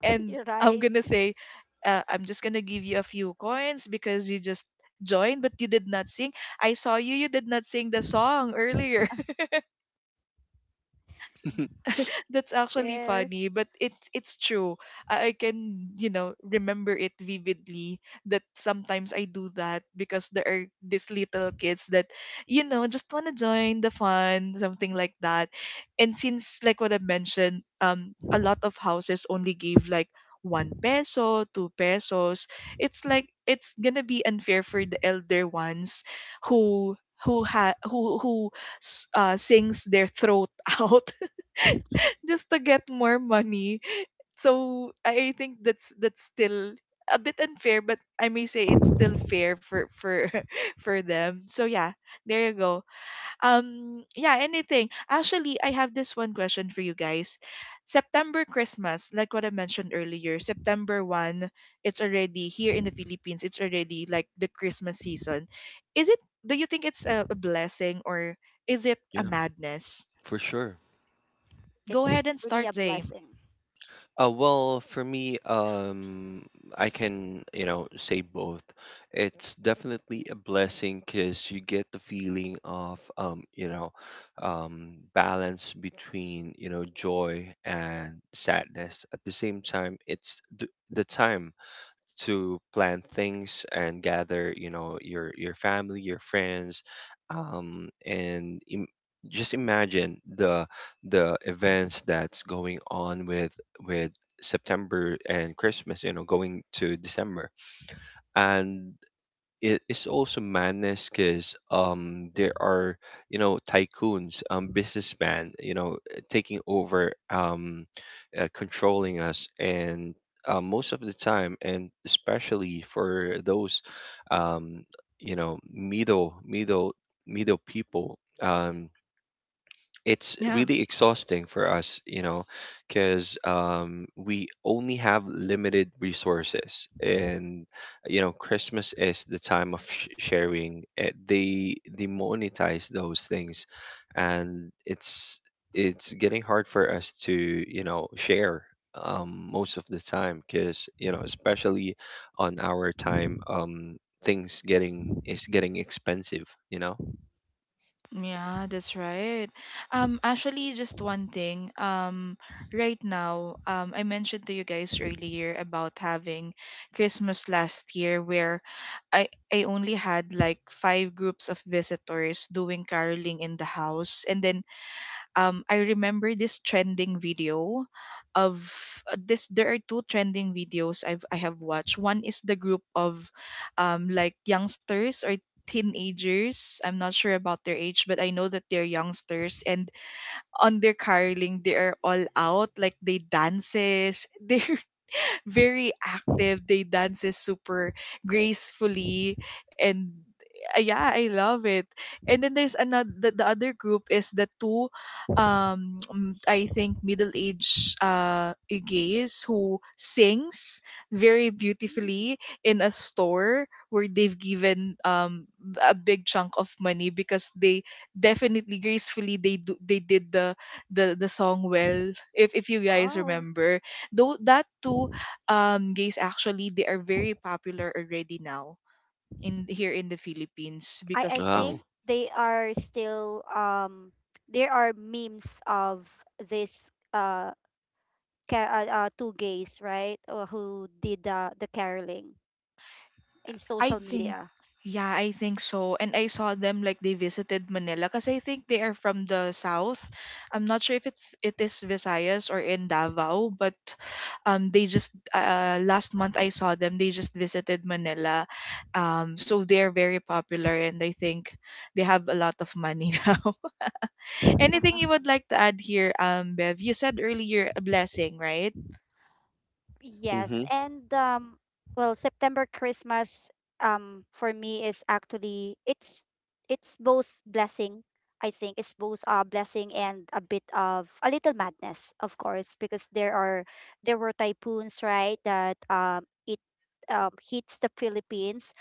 A: And
C: You're
A: I'm
C: right
A: gonna say, I'm just gonna give you a few coins because you just joined but you did not sing. I saw you did not sing the song earlier. That's actually
C: there.
A: funny, but it's true. I can, you know, remember it vividly that sometimes I do that because there are these little kids that, you know, just wanna join the fun, something like that. And since, like what I mentioned, a lot of houses only give like one peso, two pesos. It's like it's gonna be unfair for the elder ones who who ha who sings their throat out just to get more money. So I think that's still a bit unfair, but I may say it's still fair for for them. So yeah, there you go. Yeah, anything. Actually, I have this one question for you guys. September Christmas, like what I mentioned earlier, September 1st, it's already here in the Philippines, it's already like the Christmas season. Is it, do you think it's a blessing or is it a
B: Yeah,
A: madness?
B: for sure.
C: It's
A: Go ahead and
C: really a
A: start, Zay.
C: blessing.
B: Well, for me, I can, you know, say both. It's definitely a blessing because you get the feeling of, you know, balance between, you know, joy and sadness. At the same time, it's the time to plant things and gather, you know, your family, your friends, um, and im- just imagine the events that's going on with with September and Christmas, you know, going to December. And it is also madness because there are, you know, tycoons, businessmen, you know, taking over, controlling us. And most of the time, and especially for those, um you know middle middle middle people, it's really exhausting for us, you know, because, we only have limited resources. And, you know, Christmas is the time of sharing. Eh, they monetize those things. And it's getting hard for us to, you know, share, most of the time because, you know, especially on our time, things getting is getting expensive, you know.
A: Yeah, that's right. Actually, just one thing. Right now, I mentioned to you guys earlier about having Christmas last year, where I I only had like five groups of visitors doing caroling in the house, and then I remember this trending video of, this. There are two trending videos I have watched. One is the group of like youngsters or teenagers. I'm not sure about their age, but I know that they're youngsters. And on their caroling, they are all out, like, they dances. They very active. They dances super gracefully, and yeah, I love it. And then there's another, the other group is the two I think middle-aged gays who sings very
C: Mm,
A: beautifully in a store where they've given a big chunk of money because they definitely gracefully they do, they did the, the song well, if you guys
C: wow.
A: remember. Though that too gays actually they are very popular already now in here in the Philippines
C: I
A: because of,
C: think
B: Wow.
C: they are still, there are memes of this uh, two gays, right? Or who did the caroling in
A: I
C: social
A: think,
C: media.
A: yeah, I think so. And I saw them like they visited Manila because I think they are from the south. I'm not sure if it is Visayas or in Davao, but they just last month I saw them. They just visited Manila, so they are very popular and I think they have a lot of money now. Anything you would like to add here, Bev? You said earlier a blessing, right?
C: Yes,
B: Mm-hmm.
C: and well, September Christmas for me is actually it's both blessing. I think it's both a blessing and a bit of a little madness, of course, because there are there were typhoons, right? That it hits the Philippines,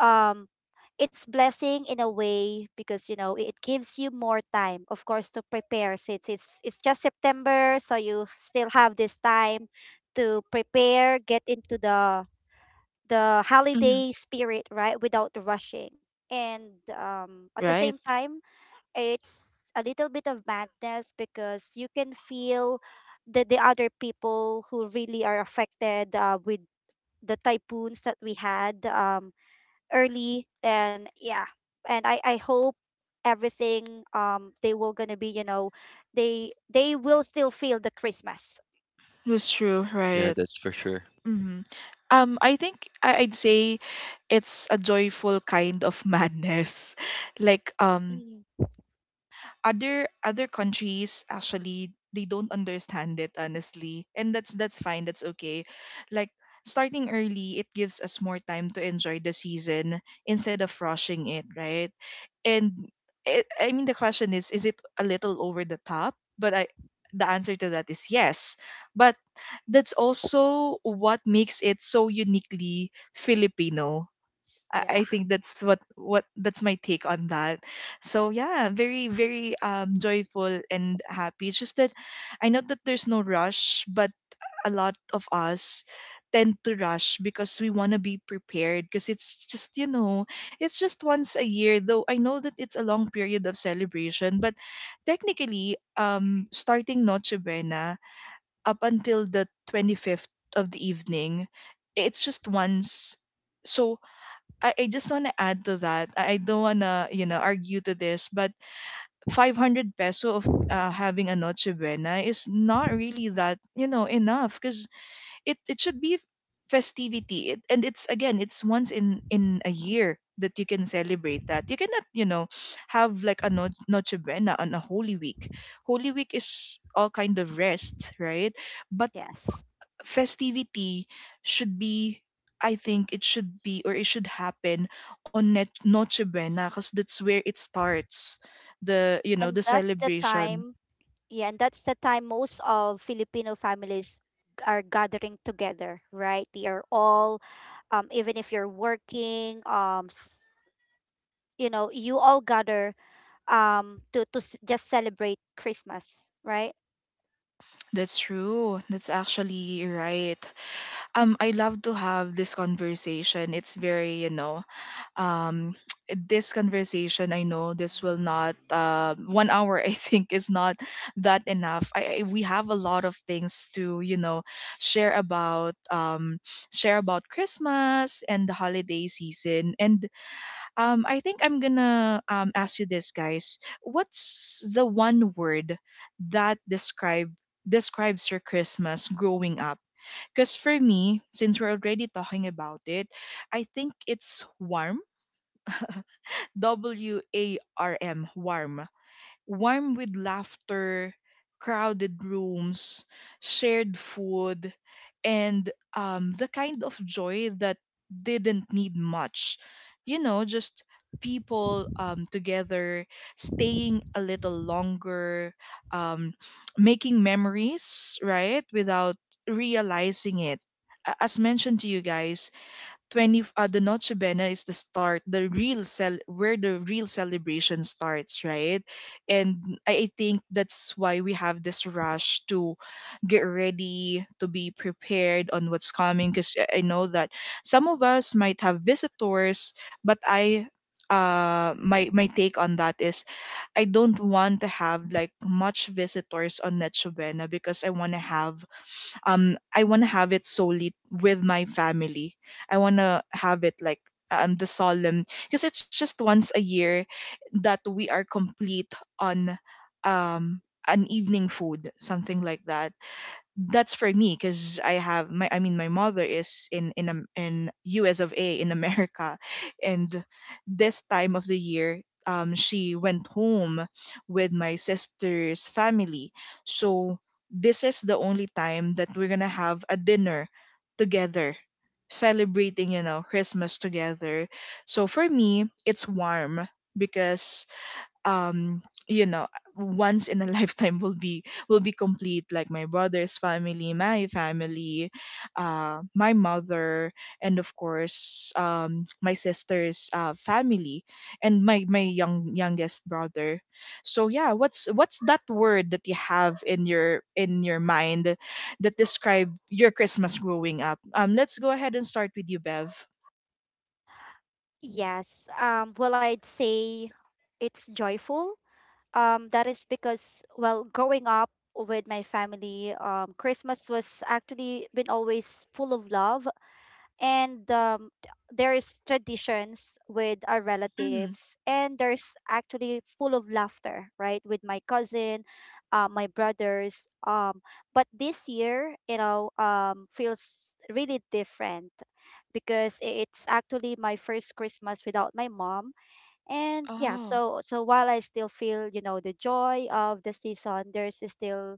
C: um it's blessing in a way because, you know, it gives you more time, of course, to prepare, since it's just September, so you still have this time to prepare, get into the
A: Hmm.
C: holiday spirit, right, without rushing. And at the
A: Right.
C: same time, it's a little bit of madness because you can feel the other people who really are affected with the typhoons that we had early then, yeah. And I hope everything they will gonna be, you know, they will still feel the Christmas.
A: That's true.
B: Yeah,
A: Right.
B: that's for sure.
A: Mm-hmm. I think, I'd say it's a joyful kind of madness. Like
C: Mm,
A: other countries actually they don't understand it honestly, and that's fine. That's okay. Like starting early, it gives us more time to enjoy the season instead of rushing it, right? and it, I mean the question is it a little over the top, but I, the answer to that is yes, but that's also what makes it so uniquely Filipino. I,
C: yeah.
A: I think that's what that's my take on that. So yeah, very joyful and happy. It's just that I know that there's no rush, but a lot of us tend to rush because we want to be prepared because it's just it's just once a year. Though I know that it's a long period of celebration, but technically, starting noche buena up until the 25th of the evening, it's just once. So I just want to add to that. I don't want to argue to this, but 500 peso of having a noche buena is not really that, enough, because it should be festivity. It, and it's again, it's once in a year that you can celebrate, that you cannot, you know, have like a noche buena on a holy week. Holy week is all kind of rest, right? But
C: Yes,
A: festivity should be, I think it should be, or it should happen on net noche buena, because that's where it starts, the, you know,
C: and
A: the
C: that's the
A: celebration.
C: time. Yeah, and that's the time most of Filipino families are gathering together, right? They are all even if you're working you know, you all gather to just celebrate Christmas, right?
A: That's true, that's actually right. Um, I love to have this conversation. It's very, you know, um, this conversation, I know this will not, uh, 1 hour, I think is not that enough. I we have a lot of things to, you know, share about um, share about Christmas and the holiday season. And um, I think I'm gonna um, ask you this guys. What's the one word that describes your Christmas growing up? Because for me, since we're already talking about it, I think it's warm. W A R M, warm. Warm with laughter, crowded rooms, shared food, and the kind of joy that didn't need much. You know, just people together, staying a little longer, um, making memories, right? Without realizing it. As mentioned to you guys, 20 the Noche Buena is the start, the real cel where the real celebration starts, right? And I think that's why we have this rush to get ready, to be prepared on what's coming, because I know that some of us might have visitors. But I, uh, my take on that is I don't want to have like much visitors on Noche Buena because I want to have um, I want to have it solely with my family. I want to have it like um, the solemn, because it's just once a year that we are complete on um, an evening food, something like that. That's for me, because I have my, I mean my mother is in in US of A, in America. And this time of the year, um, she went home with my sister's family. So this is the only time that we're going to have a dinner together, celebrating, you know, Christmas together. So for me it's warm, because um, you know, once in a lifetime will be, will be complete, like my brother's family, my family, uh, my mother, and of course um, my sister's uh, family, and my youngest brother. So yeah, what's that word that you have in your mind that describe your Christmas growing up? Um, let's go ahead and start with you, Bev.
C: Yes. Well, I'd say it's joyful. That is because, well, growing up with my family, Christmas was actually been always full of love, and there's traditions with our
A: Mm.
C: relatives, and there's actually full of laughter, right, with my cousin, my brothers. But this year, you know, feels really different because it's actually my first Christmas without my mom. And yeah,
A: Oh.
C: so so while I still feel, you know, the joy of the season, there's still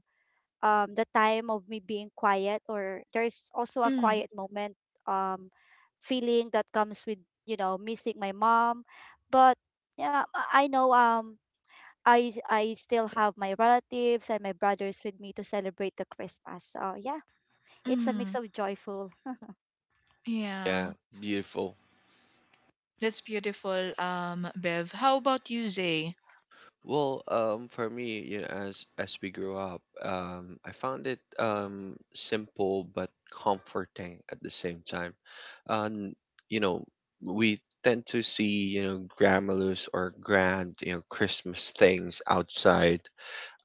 C: the time of me being quiet, or there's also a
A: Mm.
C: quiet moment, um feeling that comes with, you know, missing my mom. But yeah, I know I still have my relatives and my brothers with me to celebrate the Christmas. So yeah, it's a mix
A: Mm.
C: of joyful.
A: Yeah.
B: Yeah, beautiful.
A: That's beautiful, Bev. How about you, Zay?
B: Well, for me, you know, as we grew up, I found it simple but comforting at the same time. Um, you know, we tend to see, you know, grandmas or grand, you know, Christmas things outside.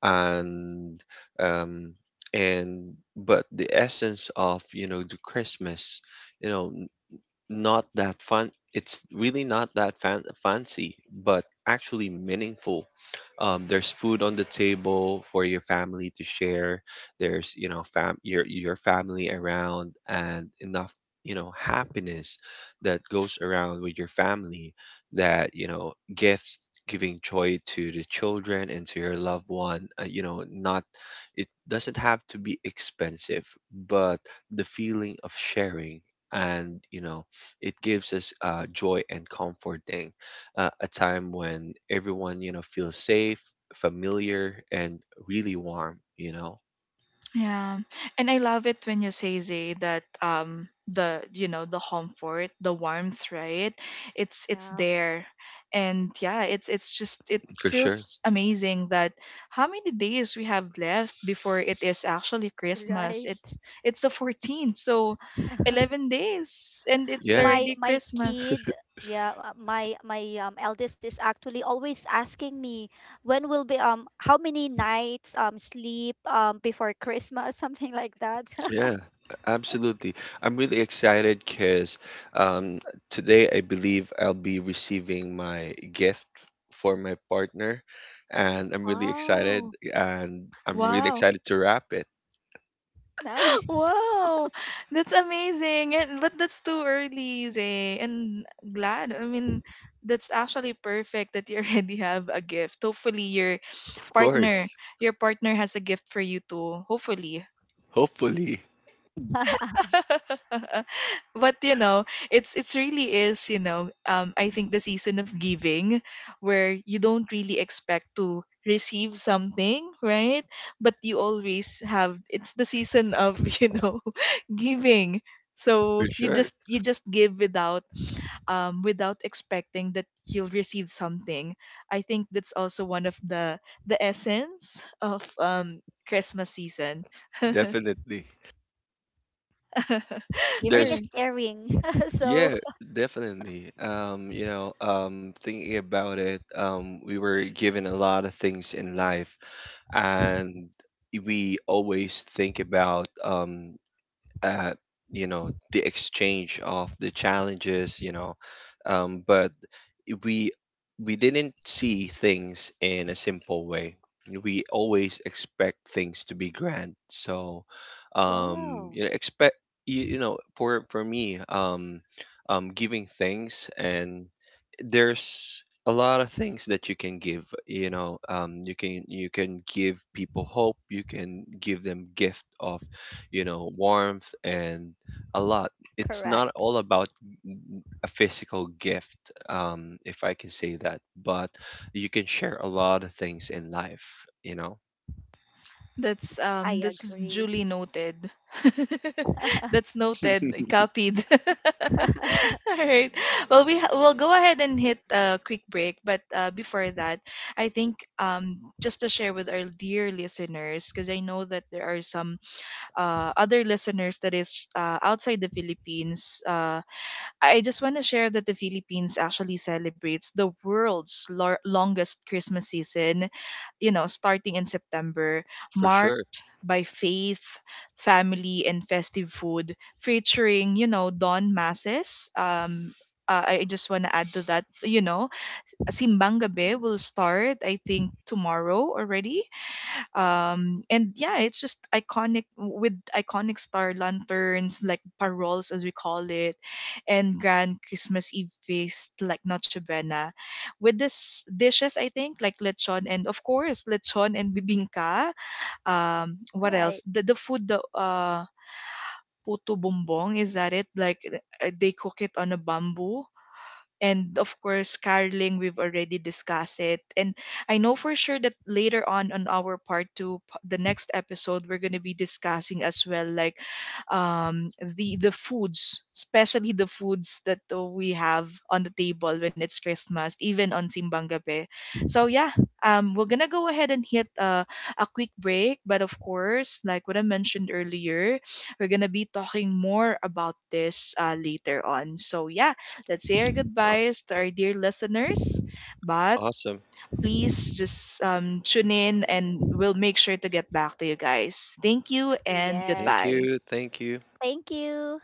B: And um, and But the essence of, you know, the Christmas, you know, not that fun. It's really not that fancy, but actually meaningful. There's food on the table for your family to share. There's, you know, fam your family around, and enough, you know, happiness that goes around with your family. That, you know, gifts giving joy to the children and to your loved one. You know, not it doesn't have to be expensive, but the feeling of sharing, and, you know, it gives us, joy and comforting, a time when everyone, you know, feels safe, familiar, and really warm, you know.
A: Yeah, and I love it when you say, Zay, that um, the, you know, the comfort, the warmth, right? It's
C: Yeah.
A: there, and yeah, it's just it
B: For sure.
A: feels amazing that how many days we have left before it is actually Christmas.
C: Right.
A: It's the 14th, so 11 days, and it's
B: Yeah.
C: my
A: already
C: my
A: Christmas.
C: kid, yeah, my my eldest is actually always asking me when will be how many nights sleep before Christmas. Something like that.
B: Yeah, absolutely. I'm really excited because, um, today I believe I'll be receiving my gift for my partner. And I'm really excited,
C: Wow.
B: and I'm really
A: Wow.
B: excited to wrap it.
C: Nice.
A: Wow, that's amazing. And but that's too early, Zay. And glad. I mean, that's actually perfect that you already have a gift. Hopefully your
B: Of
A: partner,
B: course,
A: your partner has a gift for you too. Hopefully.
B: hopefully,
A: But you know, it's really is, you know, um, I think the season of giving, where you don't really expect to receive something, right? But you always have, it's the season of you know, giving.
B: for
A: So you
B: sure,
A: just, you just give without um, without expecting that you'll receive something. I think that's also one of the essence of um, Christmas season.
B: definitely.
C: Giving
A: All.
B: There's
C: is caring. So.
B: yeah, definitely. You know, thinking about it, we were given a lot of things in life. And we always think about at you know, the exchange of the challenges, you know, but we didn't see things in a simple way. We always expect things to be grand. So,
C: Wow.
B: you know, expect you know, for me, giving things, and there's a lot of things that you can give. You know, you can give people hope. You can give them gift of, you know, warmth and a lot. It's not
C: Correct.
B: all about a physical gift, if I can say that, but you can share a lot of things in life, you know,
A: That's um,
C: I
A: that's
C: agree.
A: duly noted. That's noted, copied. All right. Well, we we'll go ahead and hit a quick break, but before that, I think um, just to share with our dear listeners, because I know that there are some uh, other listeners that is outside the Philippines. I just want to share that the Philippines actually celebrates the world's longest Christmas season, you know, starting in September,
B: for sure.
A: marked by faith, family, and festive food, featuring, you know, dawn masses. I just want to add to that, you know, Simbang Gabi will start, I think, tomorrow already. Um, and yeah, it's just iconic with iconic star lanterns like paroles, as we call it, and grand Christmas eve feast like noche buena, with this dishes I think like lechon, and of course lechon and bibingka. Um, what
C: Right.
A: else, the food, the uh, puto bumbong, is that it? Like they cook it on a bamboo. And of course caroling, we've already discussed it. And I know for sure that later on our part two, the next episode, we're going to be discussing as well like um, the foods, especially the foods that we have on the table when it's Christmas, even on Simbang Gabi. So yeah, um, we're gonna go ahead and hit a quick break, but of course like what I mentioned earlier, we're gonna be talking more about this later on. So yeah, let's say our goodbyes to our dear listeners. But
B: Awesome.
A: please just tune in and we'll make sure to get back to you guys. Thank you and
C: Yes,
B: Thank
A: goodbye.
B: you. Thank you.
C: thank you.